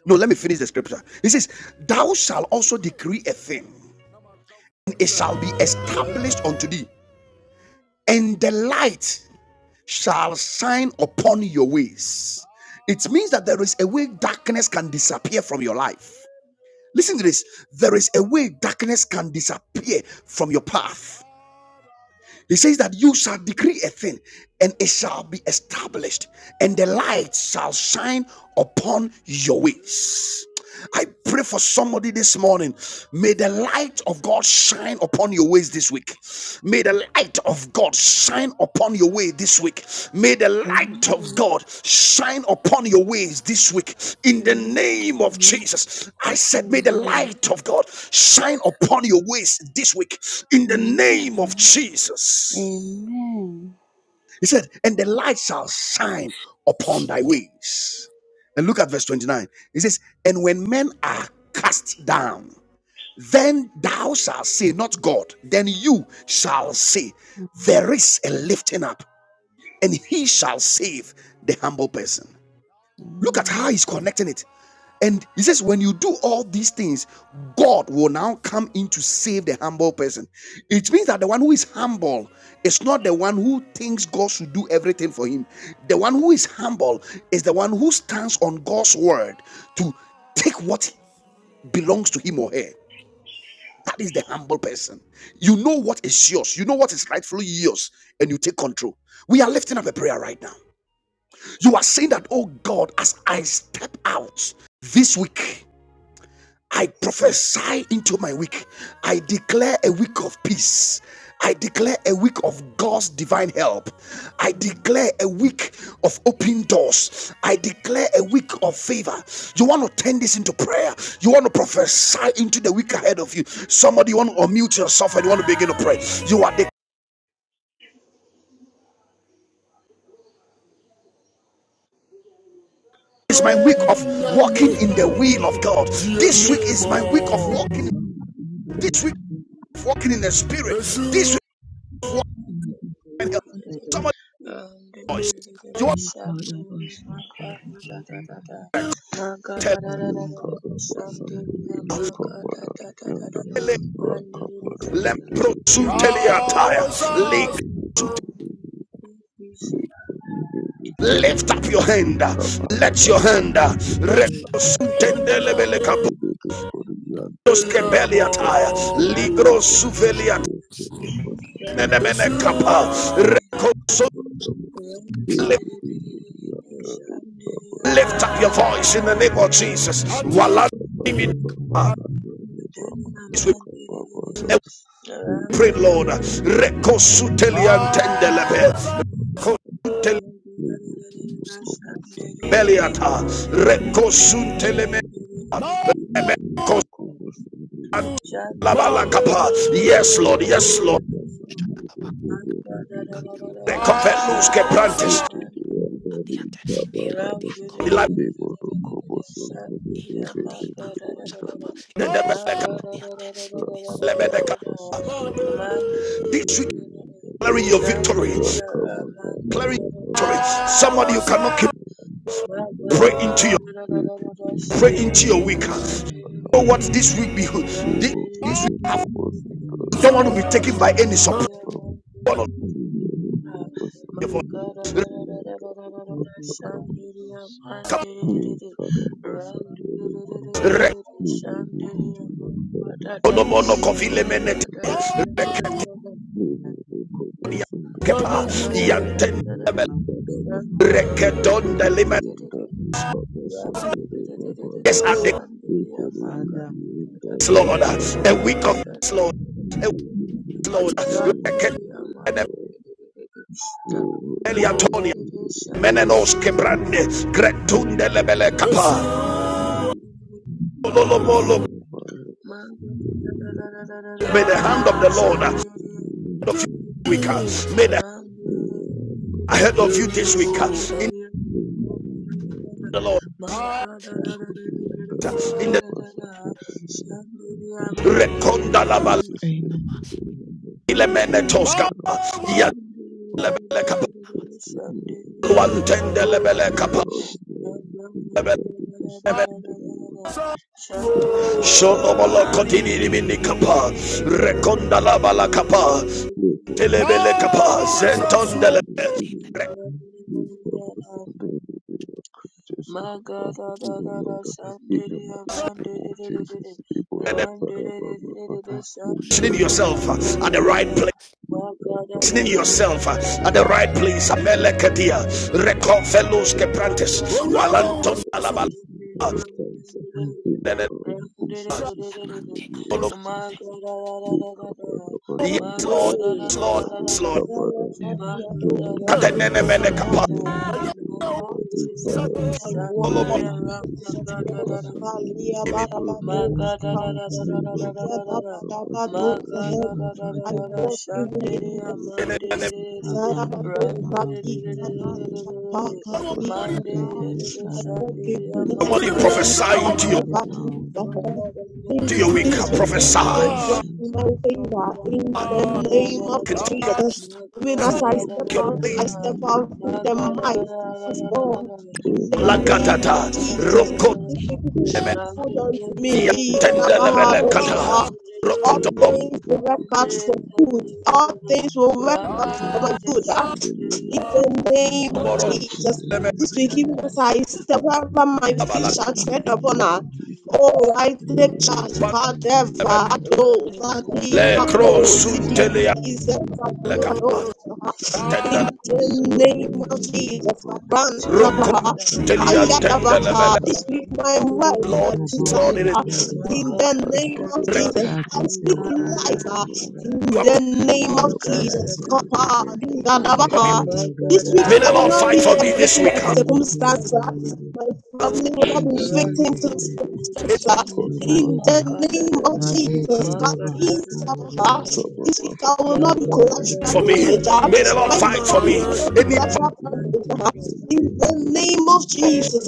A: No, let me finish the scripture. He says, Thou shall also decree a thing, and it shall be established unto thee, and the light. shall shine upon your ways. It means that there is a way darkness can disappear from your life. Listen to this. There is a way darkness can disappear from your path. He says that you shall decree a thing and it shall be established, and the light shall shine upon your ways. I pray for somebody this morning. May the light of God shine upon your ways this week. May the light of of God shine upon your way this week. May the light of
F: Amen.
A: God shine upon your ways this week. In the
F: Amen.
A: name of Jesus, I said, may the
F: Amen.
A: light of God shine upon your ways this week. In
F: Amen.
A: the name of
F: Amen. Amen.
A: Jesus.
F: Amen.
A: He said, and the light shall shine upon thy ways. And look at verse 29. It says, And when men are cast down, then thou shalt say, Not God, then you shall say, There is a lifting up and he shall save the humble person. Look at how
F: Amen.
A: he's connecting it. And he says, when you do all these things, God will now come in to save the humble person. It means that the one who is humble is not the one who thinks God should do everything for him. The one who is humble is the one who stands on God's word to take what belongs to him or her. That is the humble person. You know what is yours, you know what is rightfully yours, and you take control. We are lifting up a prayer right now. You are saying that, oh God, as I step out this week, I prophesy into my week. I declare a week of peace. I declare a week of God's divine help. I declare a week of open doors. I declare a week of favor. You want to turn this into prayer. You want to prophesy into the week ahead of you. Somebody, you want to unmute yourself and you want to begin to pray. You are the it's my week of walking in the will of God. This week is my week of walking. This week walking in the spirit. This way of walking
D: Amen.
A: in health. Somebody
B: Um,
A: voice. You want
C: Kativa,
B: Shandiri, Maga, da da da da, da. Maga,
A: to tell
B: da da da da da da,
E: nikada
B: da,
E: baba
B: Shandiri,
E: sandali
B: Maga,
E: kaba
B: da
E: da
B: da da da
E: yanda
B: da, Mandiri,
E: rakaba
B: da
E: da
B: da da
E: de
B: da da, da.
E: de
B: Da-
E: de
B: da-
E: kada
B: da- da- da-
E: baba
B: da- da.
A: Lift-
B: Mm,
E: sandali
B: mm, mm, mm, please.
A: up your hand. Let your hand
B: Mandu, da- da- da- da-
C: shut,
B: da- da. Maga, da- da- da- da. Maga, da- da- da-
C: shut,
B: da- da.
C: shut, Eratico,
B: Shandiriya
C: shut,
A: lift- up
E: Sunday,
A: your voice in the name of Jesus. pray, Lord. Recosutelian tendelebe.
C: shut,
A: Recosunteliata. Recosunteleme. Recosantalabala capa.
E: Rakabara
A: Yes, Lord. Yes,
B: Mandara
A: Lord.
C: shut, up,
B: Shandiria
C: Katabudo, shut,
A: Recovelus que prantes.
C: Adiate, Eratico, Ekativa, Shalava, Eras, Adiate, this Ignite,
A: This week,
E: basande
A: declaring your victory.
E: Thank you.
A: Declaring your victory. Somebody you cannot keep pray into your pray into your week. You
C: this
A: know what this week be this, this
B: Shandelia
A: week you don't want to be taken by any surprise.
D: Iduka ribasura
A: Onomono kovile menete. Rekedonia
E: Thank
D: lagi
A: kepa.
B: Magadadadadadada.
A: Yanteneme
D: ribuka
B: Shandiria
D: ribuka
A: rekedonde lime.
B: mandidididididi. Randidididididi.
A: Yes, and the
B: Shandiria
D: sada
A: grace,
B: magadadadadada.
A: Lord, a week of grace, Lord, a week,
B: Magadadadadadadadada.
A: Lord,
B: Shandiria
A: rekedoneme
B: mandidididididi.
A: eliatonia.
B: Randidididididi.
A: Menenos
B: Shandiria
A: kebrande. Gretunde
B: magadadadadada.
A: lebele kapa. Ololomolo. May the
B: Magadadadadadadada.
A: hand of the Lord uh,
B: Shandiria
A: ahead of you this week, uh, may the ahead of you
C: Papa,
A: this week, uh, in
E: you.
A: the Lord, uh, in the reconda
B: Shandiriya
A: la val-
E: Jesus, in
D: aina
E: the
C: Etapa,
E: name of the
A: ilemene
E: Lord,
A: tosca, uh,
E: Lord, Lord,
A: ya-
E: bless me, Lord, comfort
A: Luantendelebele
E: me, O Lord, in the name of the Lord, in the sick, in the name of Jesus, the Father, of the Lord, in the name of
C: in
E: Jesus,
C: the
E: in the name of Jesus. Jesus,
C: name
B: Shandiriya Magadadadada Sandiriya Mandiriri Randiriri
C: of
B: Sandiriya
A: yourself uh, at the
C: the
A: right
B: Magadadada
A: place.
C: Lord,
A: Listening yourself uh, at the
B: Magadadadadadadada
A: right place. Amelekadia.
B: Magadadadadadadada
A: Rekofelos
E: Sunday,
A: keprantes.
B: Magadadadadadada
A: Walantondala bala.
B: Sandiriya Mandiriri
C: Errate
B: Randiriri
C: adebati te
B: Magadadadadadada
A: Yes, Lord.
G: Hey,
A: Yes, Lord. Yes,
B: Magadadadadadada
A: Lord.
G: Isaiah
D: ebe
G: Vatiado, Capri,
A: Katenene mene
G: Kappa,
A: kapa.
B: Magadadadadadadada
D: dada
G: Kappa, this
D: sada
G: week I
D: kaga
G: walk in
A: Solomon.
B: Shandiriya
G: the
D: ribasu
B: Ramya
G: promises of
D: dada
B: Gada
G: God,
B: Dada
D: dada
G: Kalia
A: Amen.
B: Ma
G: Barabado,
B: ga
D: ribuka
B: da
G: Shaka,
B: da da da da da da da
G: Iya
B: da da da.
G: Dabadabado,
B: Ma
G: the
B: ga da
G: head.
B: da da da
G: I
D: kada
B: da da.
G: walk
D: basu
G: even
D: dada
G: in
B: Shandiriya
G: the
A: Amen. Amen.
B: mandiriri.
D: kaka
G: Zarabado
D: dede lava
G: Baki
D: dede
G: Kanan
B: Ramdiriri.
G: Chapaka
D: sada
G: Dizaba
D: be
B: Mandiriri.
D: sada
G: Advocate
D: dede
B: Shandiriya
G: Goodness
B: ma
G: and
B: ga da
G: Mercy's
B: da da
G: God
B: da da da.
G: Evacuate
B: Ma
G: for
B: ga
G: her.
B: da da da
A: to
B: da
A: your
G: This
A: weak,
B: da da
G: this
D: in
B: da
D: the
B: da
A: prophesy.
G: victims
B: da
D: name
G: for
B: da.
D: of
G: what you
D: Jesus,
B: Ma
G: might
B: ga
G: think
B: da
G: that
B: da da da da
D: in
G: in
D: the
G: the
B: da da
G: name
B: da
G: of
A: Can
B: da.
A: take
E: Jesus,
G: Jesus.
C: kusta
B: Ma
G: Even as
A: your,
G: I step
A: your
G: out,
A: place.
G: I step
D: name of Jesus,
G: out in the
B: ga da da
G: might
B: da
E: this
B: da
G: of
E: week,
B: da
E: oh,
B: da
G: God
B: da.
D: It
G: in
D: is
G: the
D: what
E: it's a
G: name
B: da da da da da da da da. da da
E: good
G: of
B: da
A: Lagatata,
E: week
B: da
E: for
B: da da
G: Jesus.
E: me.
A: Roko,
B: da
G: This
C: pavadi
B: da.
G: will
E: Here
G: be
D: it's
B: Ram
E: this
C: shapa
D: like.
B: de
G: good
E: week,
B: de de
C: in
G: unto
A: Emetia,
B: de
G: me.
B: de
E: it's a
B: de.
E: good week
B: Ram
A: Tendelebele,
B: de
E: for me.
B: de de
G: Yadabahadoshaha.
A: Kata,
B: de
E: Oh,
G: All
A: roko tolo
G: things
E: the
G: will work
B: de de
G: out for
E: blessing, the
G: good. All
E: blessings
B: de.
G: things will
E: shall
G: work
B: Ram
E: follow
B: de
G: out
B: de
E: me
G: for my
B: de de de de de de. Ram de de de de
E: this
B: de.
G: good.
E: week
G: I
E: in
B: Shun
E: the
B: de de
E: name
B: de
E: of
G: in
B: de
G: the
E: Jesus.
B: de
D: very
G: name
B: de
G: of
B: de
A: Moros,
B: de.
G: Jesus.
E: Everything
A: leme
E: is
G: This
B: Maka
G: will
B: da
G: give
B: da da da
G: us
E: working,
G: our
B: da.
E: good
G: step over my feet
A: Abala,
G: shall
E: in
G: tread
E: the
G: upon
B: Shandiria
E: name of
G: her.
E: Jesus.
G: Oh, I take charge.
A: Pan,
G: God ever do,
A: Eme,
E: the
G: adore the
E: presence of
A: Le,
E: the
A: Cro,
G: couple.
E: evil
A: Sun,
E: one
G: Zidi
A: Telia,
G: is
E: in
G: ever
E: the
A: Le,
E: name of
A: Kapa,
E: Jesus.
D: Yes,
A: Tendele,
G: In
E: The
G: the
E: covers
G: name of
E: and the river,
G: Jesus,
E: the
A: Roko,
E: covers
G: Abantabaha,
E: and the
A: Telia,
E: river,
A: Tendelebele.
G: Ayadabaha.
E: and
G: This
E: i
G: week my wife
A: Lord,
G: and give
A: yes,
D: Lord.
E: The
A: Lord,
G: life.
A: it is
G: ah.
E: cover,
G: In the
E: I
G: name
E: have the
G: of
A: written,
E: life
G: Jesus,
E: of
G: I speak
E: Lord God
G: life. ah.
E: Almighty.
G: In
A: you are
G: the
E: The
G: name of
E: covers and
G: Jesus,
E: the
G: Kappa,
E: river,
A: for me.
G: Dizadabaha. This
E: I
G: week,
A: May
E: am
G: I
A: the
G: will
A: Lord
G: not
A: fight
G: be
A: for
G: a
E: safe.
A: me this
G: victim
A: week.
G: of
A: huh?
E: Oh,
G: circumstances.
E: oh,
G: ah.
E: oh,
D: Father,
G: My
E: no
G: family will not
D: In
G: be
E: weapon formed
G: victim
B: Shandiriya
D: Jesus'
G: to
D: mighty
E: against
D: name.
E: me
G: circumstances.
E: shall
G: ah.
E: prosper
G: In the
D: Rabadaba,
E: in
G: name
E: the
G: of
D: Radu
E: name of
G: Jesus, God,
D: Kandeba
E: Jesus.
G: Jesus,
D: Hasada
G: ah.
D: Rabadaba,
E: Cover
G: this
E: above
G: week I
E: to
G: will not be
E: fire and
D: Rabadaba
G: collateral
A: For
E: burn the
A: me,
G: damage.
E: name of
G: ah.
D: Shada
A: may the
E: the
A: Lord
G: My
A: fight
D: Rabadaba,
A: for
G: family
A: me.
E: pretty
G: will not be
A: Any power
G: collateral
E: fire
G: damage.
D: Rabadaba,
G: ah.
E: and things
G: In
E: in
G: the
E: the
G: name of
A: of.
E: evil one
G: Jesus, ah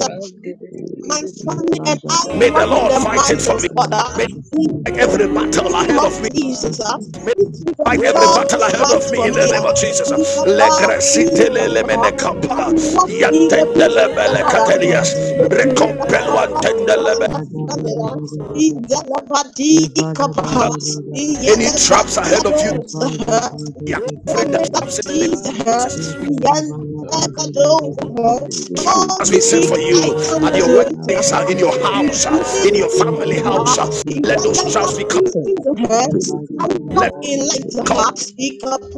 E: in
G: my
E: the
D: Rabadaba,
G: family
E: name of
G: and I
A: May
D: Rabadaba,
E: Jesus
A: the
G: walk in
A: Lord
G: the
E: Christ of
A: fight it
G: might
D: in
A: for
G: of
A: me.
E: Nazareth.
G: Father.
A: May
D: Jesus'
E: Be
G: In
D: name,
A: like
G: the
A: every
E: covered
A: battle
E: above
G: name
A: ahead
G: of
A: of
E: some
A: me.
D: in
E: devil
G: Jesus,
E: be
G: uh,
D: Jesus'
A: May
G: this
E: the
D: name,
G: is
A: fight
G: the
D: Jesus.
A: every
G: Lord
E: Be
G: who
A: battle
E: covered
A: ahead of
G: fights
A: me
G: for
A: in
E: above
A: the
G: me.
A: name
E: the
G: Uh,
A: of
D: Rabadaba,
A: Jesus.
G: Jesus,
E: devil.
G: uh, Jesus,
E: Be
G: uh,
D: Rabadaba,
G: I
A: Legresitelelemenekapa,
E: covered
G: walk in the peace of the Lord. Uh,
A: yantendelebelekatelias,
G: the peace that
D: Yadadadadadada,
G: surpasses all
A: rekompeluantendelebe-
G: understanding. Uh,
B: Monday,
G: in
D: Yadadadadadadada,
G: the Lavadi Ikapa, in
D: Yabadabadabadabada,
A: Any
G: the
A: traps
G: Lavadi
A: ahead of you,
D: Ye
G: Ados,
D: ba de
G: uh,
D: de
G: in
D: de
A: we are
D: de de
G: the
A: covering
D: de
A: the
D: de
G: Lavadi
D: de.
A: traps in the name
G: Jesus,
A: of
G: uh,
D: Se
A: Jesus. We
G: in
D: ko da
G: the
D: ba ya ba de de de
G: Lavadi
D: de
E: up
D: de
G: Ados,
D: de.
A: trap
G: Oh,
A: as we
E: with
G: this
A: set
D: Ye
G: week
A: for
E: the
D: ko
G: I
A: you
D: da ba
G: am
A: at
G: the
E: I
A: your
E: just
G: Zorin
D: sa
A: workplace,
D: ko
A: uh,
G: Trapa.
A: in
D: da
A: your
D: ba.
G: We
A: house, uh, in
G: really
A: your
D: Se
G: eat
D: da
A: family
D: ba de
G: Papa.
A: house. uh,
D: de de
G: We
D: de
A: Let
G: want
D: de
A: those
D: de
G: like a
A: traps be
D: de.
A: covered.
G: pea in the
D: Ye
E: want
G: head.
E: to
D: ba
E: let
D: da
G: I
E: you
D: da
E: know the
A: Let
G: walk
D: ba
E: power
G: in
D: da
E: of the
D: da
G: like the
D: la
E: Holy
A: them come.
D: ba
G: heart.
D: da.
E: Spirit.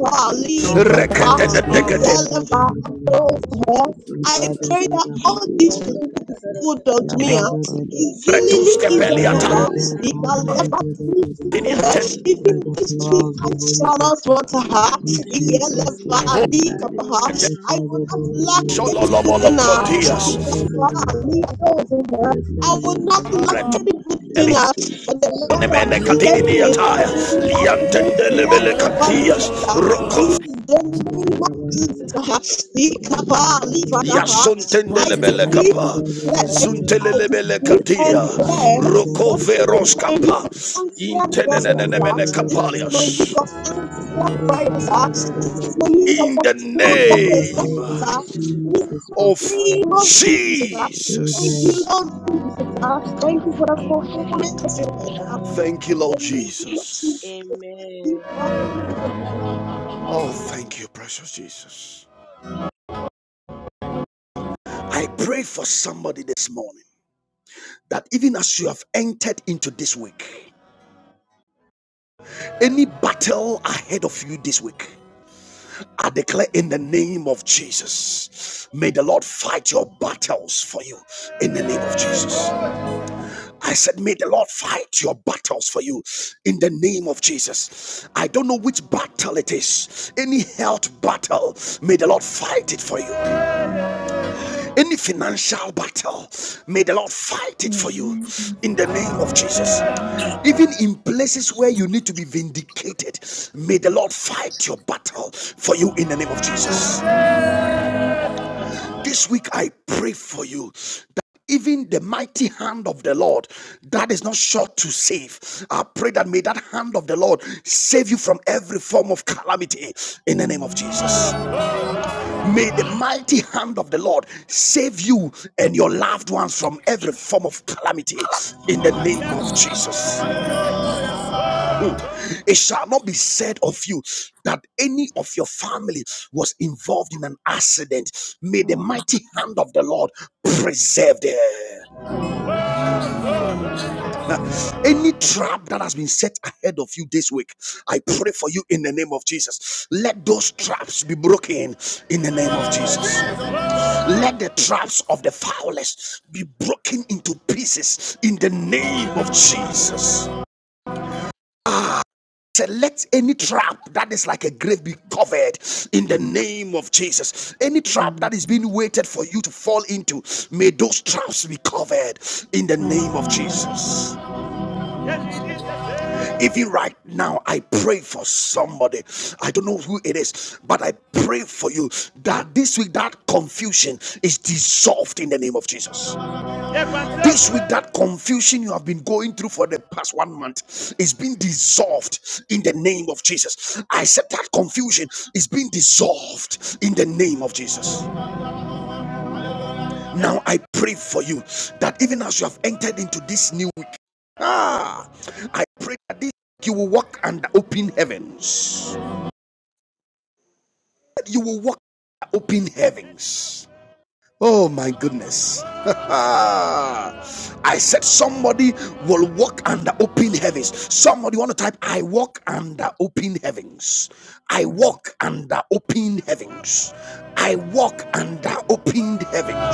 E: And we
D: Se
E: thank
D: de
E: you
D: ka
E: for
G: Likapa,
D: da
E: your
D: de de
A: Reketetetekete.
D: da da de
G: Izalava,
D: de de de.
G: above
E: appreciation, for
G: her.
D: Ye
G: I
D: ba da
G: pray
D: da
E: appreciation.
G: that
D: da ba
G: all
D: da
E: Oh,
G: these
D: ba
G: people
E: dear
D: de de.
G: will be
E: Jesus,
G: good
E: I
G: unto
D: Ya
G: me.
D: ba
G: ah.
E: just
D: da da
E: want
D: da.
E: to
G: Zilili
E: thank you.
G: is a
D: Ya
B: Thank
D: de de
G: perhaps it
E: Oh,
D: ka da
G: can
D: de
G: never
D: de de
G: meet
D: de
E: this
D: de.
G: her.
E: mountain in the
G: Even
D: Like the
E: mighty
G: this
E: name
G: week
D: power
E: of
D: of
G: I
D: the
E: Jesus.
D: Holy
G: shall not
D: Ghost.
G: want to
E: Oh,
G: have
D: In
E: we deserve
D: Jesus'
G: Yeleva
E: in
D: mighty
E: the
D: name.
G: Dika
E: name of
G: perhaps.
E: Jesus.
G: I will not lack
E: Oh,
G: any
D: Rekadebelebeleba.
G: good in
E: this
G: her.
E: mountain in the
G: Dika
E: name of
D: Yadebelebeleba.
E: Jesus.
G: her.
E: We
G: I will not
E: refuse in
G: lack
E: the
G: any
E: mighty
G: good
E: name
G: in
D: Rekadebelebeleba.
E: of
G: her. For the
E: Jesus.
G: Lord has
E: We
G: blessed
E: cover
G: me
E: us
D: Sakadebelebeleba.
G: with
E: under
G: everything
E: the
G: that
E: blood.
G: pertains
E: We
G: to
E: are
G: life and
E: wasting our
G: godliness. uh, In
E: goodness in
G: the
E: the
G: name
E: name
G: of
E: of
D: Yababelebeleba.
G: Jesus,
E: Jesus.
C: adaba
G: uh,
E: We are
G: Dika
E: wasting
G: Pali
E: our
D: Sadadadeba.
G: Father, uh,
E: food in
G: I
E: the life in
G: decree
E: the
G: and
E: name of
G: declare. it
E: Jesus.
G: I
D: Yabakadebelebeleba.
G: decree
E: We
G: and
E: cover us
G: declare
E: under the
G: that this is my
D: Sakadebelebeleba.
G: week of
E: blood.
G: answered
E: We
B: you.
G: blessings.
E: cover
G: ah.
B: Oh,
E: Baba
G: This is my
D: Yababelebeleba.
E: and
G: week
E: your
G: of
E: system
G: answered
E: crash in
G: prayers.
E: the
G: ah.
E: name of
G: This is my
D: Sadekadebelebeleba.
G: week
E: Jesus.
G: of
A: In the
G: fulfilled
E: We
D: In
E: cover
D: the
G: purpose.
E: us
A: name
D: name
E: under
D: of
E: the
G: ah.
E: blood
G: In
D: Jesus
G: the
A: of
D: Christ of
G: name
D: Nazareth.
E: in
G: of
E: the
G: Jesus.
E: mighty
G: ah.
B: Jesus.
E: name of
G: Thank
D: Amen.
G: you,
A: Jesus.
E: Jesus.
G: Lord Jesus. ah. Thank you for the fulfillment of your word. ah.
B: Amen.
A: Thank you,
G: In
A: Lord
G: the name of
A: Jesus.
G: Jesus. We
B: Amen.
G: have Jesus.
A: Oh, thank you, precious Jesus. I pray for somebody this morning that even as you have entered into this week, any battle ahead of you this week, I declare in the name of Jesus, may the Lord fight your battles for you in the name of Jesus. I said, may the Lord fight your battles for you in the name of Jesus. I don't know which battle it is, any health battle, may the Lord fight it for you. Any financial battle, may the Lord fight it for you
F: Amen.
A: in the name of Jesus. Even in places where you need to be vindicated, may the Lord fight your battle for you in the name of Jesus. This week I pray for you that even the mighty hand of the Lord that is not short to save. I pray that may that hand of the Lord save you from every form of calamity in the name of Jesus. May the mighty hand of the Lord save you and your loved ones from every form of calamity in the name of Jesus. Mm. It shall not be said of you that any of your family was involved in an accident. May the mighty hand of the Lord preserve them. Any trap that has been set ahead of you this week, I pray for you in the name of Jesus. Let those traps be broken in the name of Jesus. Let the traps of the foulest be broken into pieces in the name of Jesus. Say, let any trap that is like a grave be covered in the name of Jesus. Any
F: Amen. Amen.
A: trap
F: Amen.
A: that is being waited for you to fall into, may those traps be covered in the name of
F: Amen.
A: Jesus.
F: Amen.
A: Even right now, I pray for somebody. I don't know who it is, but I pray for you that this week that confusion is dissolved in the name of Jesus. This week that confusion you have been going through for the past one month is being dissolved in the name of Jesus. I said that confusion is being dissolved in the name of Jesus. Now I pray for you that even as you have entered into this new Ah, I pray that this you will walk under open heavens. You will walk under open heavens. Oh my goodness. I said somebody will walk under open heavens. Somebody want to type, I walk under open heavens. I walk under open heavens. I walk under open heavens.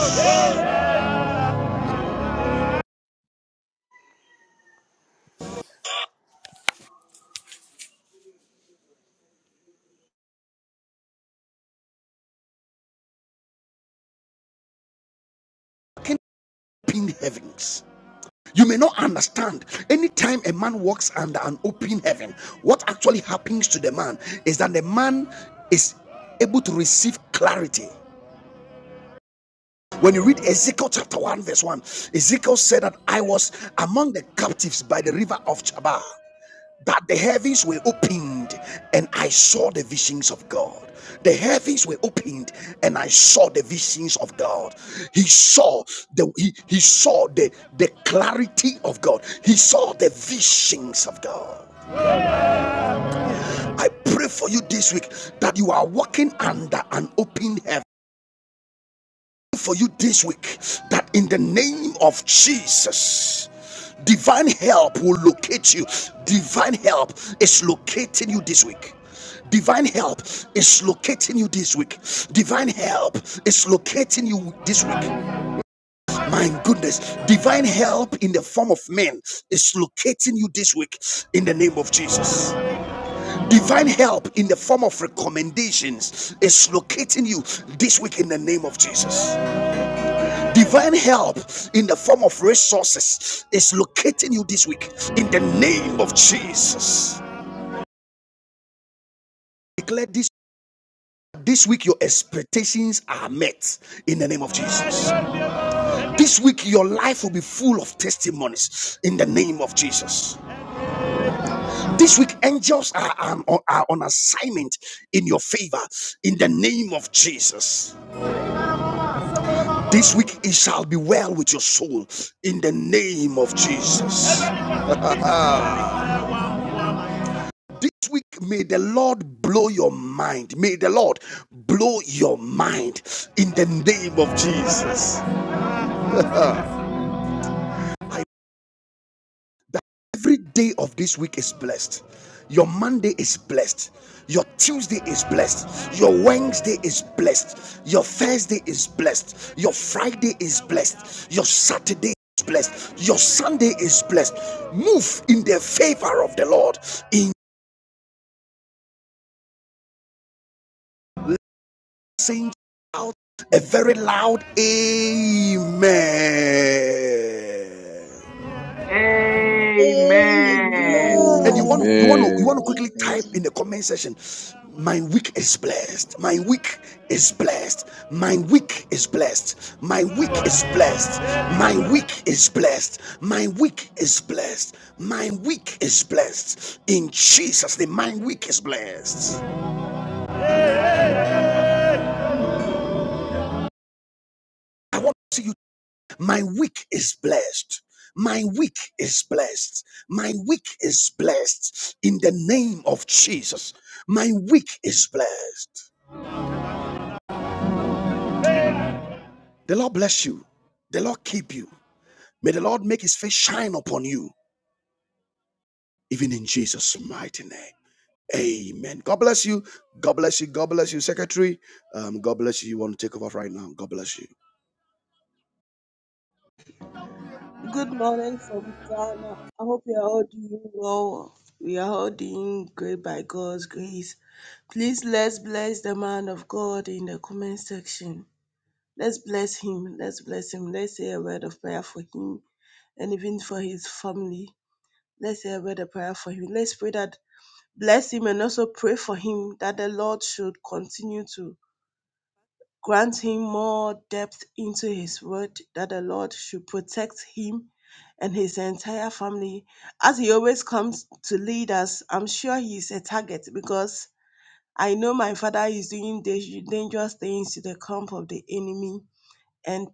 A: Open heavens. You may not understand. Anytime a man walks under an open heaven, what actually happens to the man is that the man is able to receive clarity. When you read Ezekiel chapter 1, verse 1, Ezekiel said that I was among the captives by the river of Chabar, that the heavens were opened and I saw the visions of God. The heavens were opened and I saw the visions of God. He saw the he, he saw the, the clarity of God. He saw the visions of God. I pray for you this week that you are walking under an open heaven for you this week that in the name of Jesus, divine help will locate you. Divine help is locating you this week. Divine help is locating you this week. Divine help is locating you this week. My goodness, divine help in the form of men is locating you this week in the name of Jesus. Divine help in the form of recommendations is locating you this week in the name of Jesus. Divine help in the form of resources is locating you this week in the name of Jesus. Declare this this week your expectations are met in the name of Jesus. This week your life will be full of testimonies in the name of Jesus. This week angels are, are, are on assignment in your favor in the name of Jesus. This week it shall be well with your soul in the name of Jesus. This week, may the Lord blow your mind. May the Lord blow your mind in the name of Jesus. Every day of this week is blessed. Your Monday is blessed. Your Tuesday is blessed. Your Wednesday is blessed. Your Thursday is blessed. Your Friday is blessed. Your Saturday is blessed. Your Sunday is blessed. Move in the favor of the Lord in saying out a very loud amen
H: Amen.
A: and you want to you
G: Amen.
A: want to you
E: Amen.
A: want to quickly
G: Amen.
B: Amen.
A: type in the comment section my week is blessed my week is blessed my week is blessed my week is blessed my week is blessed my week is blessed my week is blessed in jesus name my week is blessed i want to see you My week is blessed. My week is blessed. My week is blessed in the name of Jesus. My week is blessed. The Lord bless you. The Lord keep you. May the Lord make his face shine upon you, even in Jesus' mighty name. Amen. God bless you. God bless you. God bless you, Secretary. Um, God bless you. You want to take over right now. God bless you.
G: Good morning from Ghana. I hope you are all doing well. We are all doing great by God's grace. Please let's bless the man of God in the comment section. Let's bless him. Let's bless him. Let's say a word of prayer for him and even for his family. Let's say a word of prayer for him. Let's pray that bless him and also pray for him that the Lord should continue to grant him more depth into his word that the Lord should protect him and his entire family. As he always comes to lead us, I'm sure he is a target because I know my father is doing da- dangerous things to the camp of the enemy. And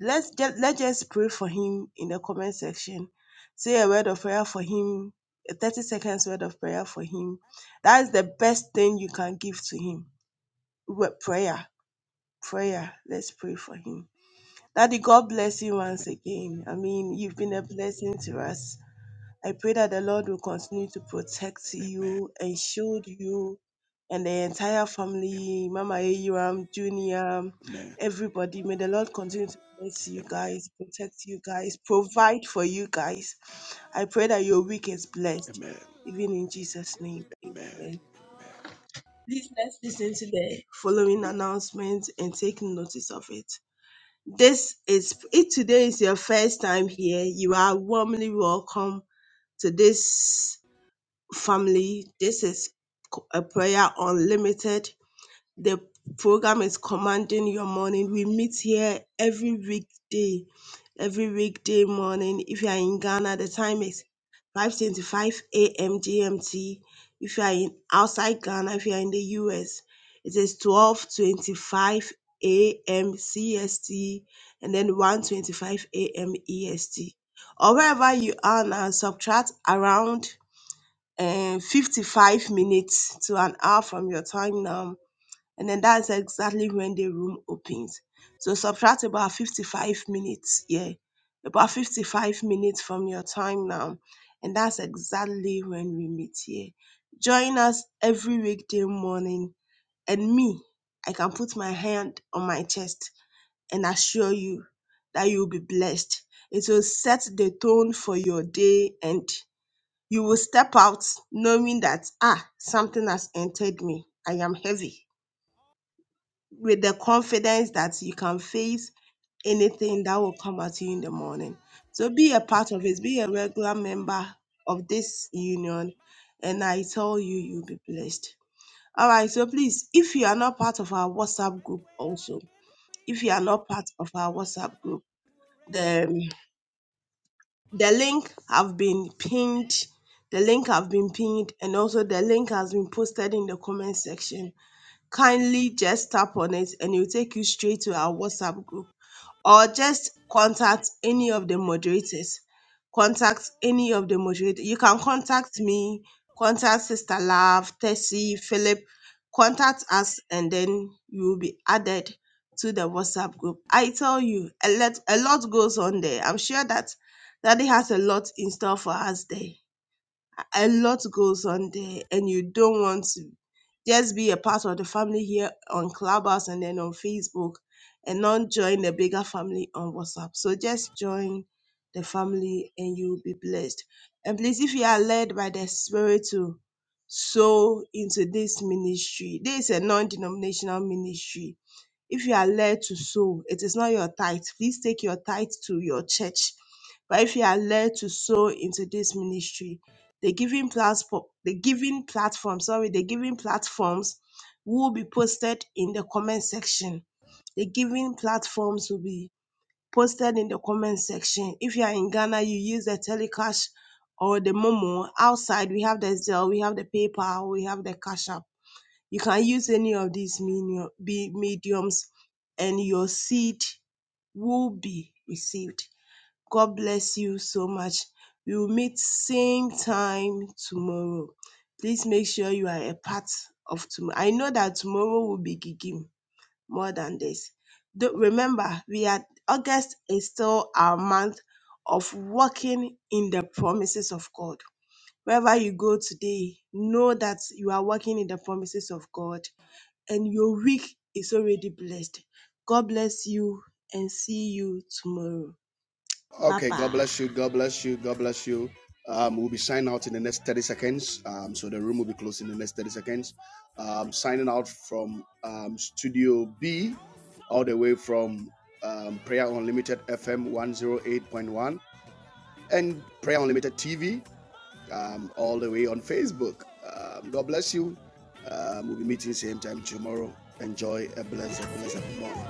G: let's just, let's just pray for him in the comment section. Say a word of prayer for him, a 30 seconds word of prayer for him. That is the best thing you can give to him. wo- Prayer prayer. Let's pray for him. Daddy, God bless you once again. I mean, you've been a blessing to us. I pray that the Lord will continue to protect you and shield you and the entire family, Mama Ayuam, Junior,
A: Amen.
G: everybody. May the Lord continue to bless you
A: Amen.
G: guys, protect you guys, provide for you guys. I pray that your week is blessed,
A: Amen.
G: even in Jesus' name.
A: Amen.
G: Amen. Please let's listen to the following announcement and take notice of it. This is if today is your first time here, you are warmly welcome to this family. This is a prayer unlimited the program is Commanding Your Morning. We meet here every weekday, every weekday morning. If you are in Ghana, the time is 5:25 a.m. GMT. If you are in outside Ghana, if you are in the US, it is 12:25 a.m. CST and then one twenty-five a.m. EST. Or wherever you are now, subtract around uh, 55 minutes to an hour from your time now and then that's exactly when the room opens. So subtract about 55 minutes, yeah, about 55 minutes from your time now, and that's exactly when we meet here. Join us every weekday morning, and me, I can put my hand on my chest and assure you that you'll be blessed. It will set the tone for your day, and you will step out knowing that, ah, something has entered me. I am heavy with the confidence that you can face anything that will come at you in the morning. So be a part of it, be a regular member of this union, and I tell you, you'll be blessed. All right, so please, if you are not part of our WhatsApp group, also, if you are not part of our WhatsApp group, the, the link have been pinned. The link have been pinned, and also the link has been posted in the comment section. Kindly just tap on it, and it will take you straight to our WhatsApp group or just contact any of the moderators. Contact any of the moderators. You can contact me, contact Sister Love, Tessie, Philip. Contact us, and then you will be added to the WhatsApp group. I tell you, a lot, a lot goes on there. I'm sure that Daddy has a lot in store for us there a lot goes on there and you don't want to just be a part of the family here on Clubhouse and then on Facebook and not join the bigger family on WhatsApp. So just join the family and you'll be blessed. And please, if you are led by the Spirit to sow into this ministry, this is a non denominational ministry if you are led to sow, it is not your tithe. Please take your tithe to your church. But if you are led to sow into this ministry, the giving platform, the giving platform, sorry, the giving platforms will be posted in the comment section. The giving platforms will be posted in the comment section. If you are in Ghana, you use the Telecash or the Momo. Outside, we have the Zelle, we have the PayPal, we have the Cash App you can use any of these medium, be mediums and your seed will be received. God bless you so much. We will meet same time tomorrow. Please make sure you are a part of tomorrow. I know that tomorrow will be gigging more than this. Don't- remember, we are August is still our month of walking in the promises of God. Wherever you go today, know that you are walking in the promises of God and your week is already blessed. God bless you and see you tomorrow. Bye
A: Okay, God
G: bye.
A: bless you. God bless you. God bless you. Um, we'll be signing out in the next 30 seconds. Um, so the room will be closed in the next 30 seconds. Um, signing out from um, Studio B, all the way from um, Prayer Unlimited FM 108.1 and Prayer Unlimited TV, um, all the way on Facebook. Um, God bless you. Um, we'll be meeting same time tomorrow. Enjoy a blessed, blessed morning.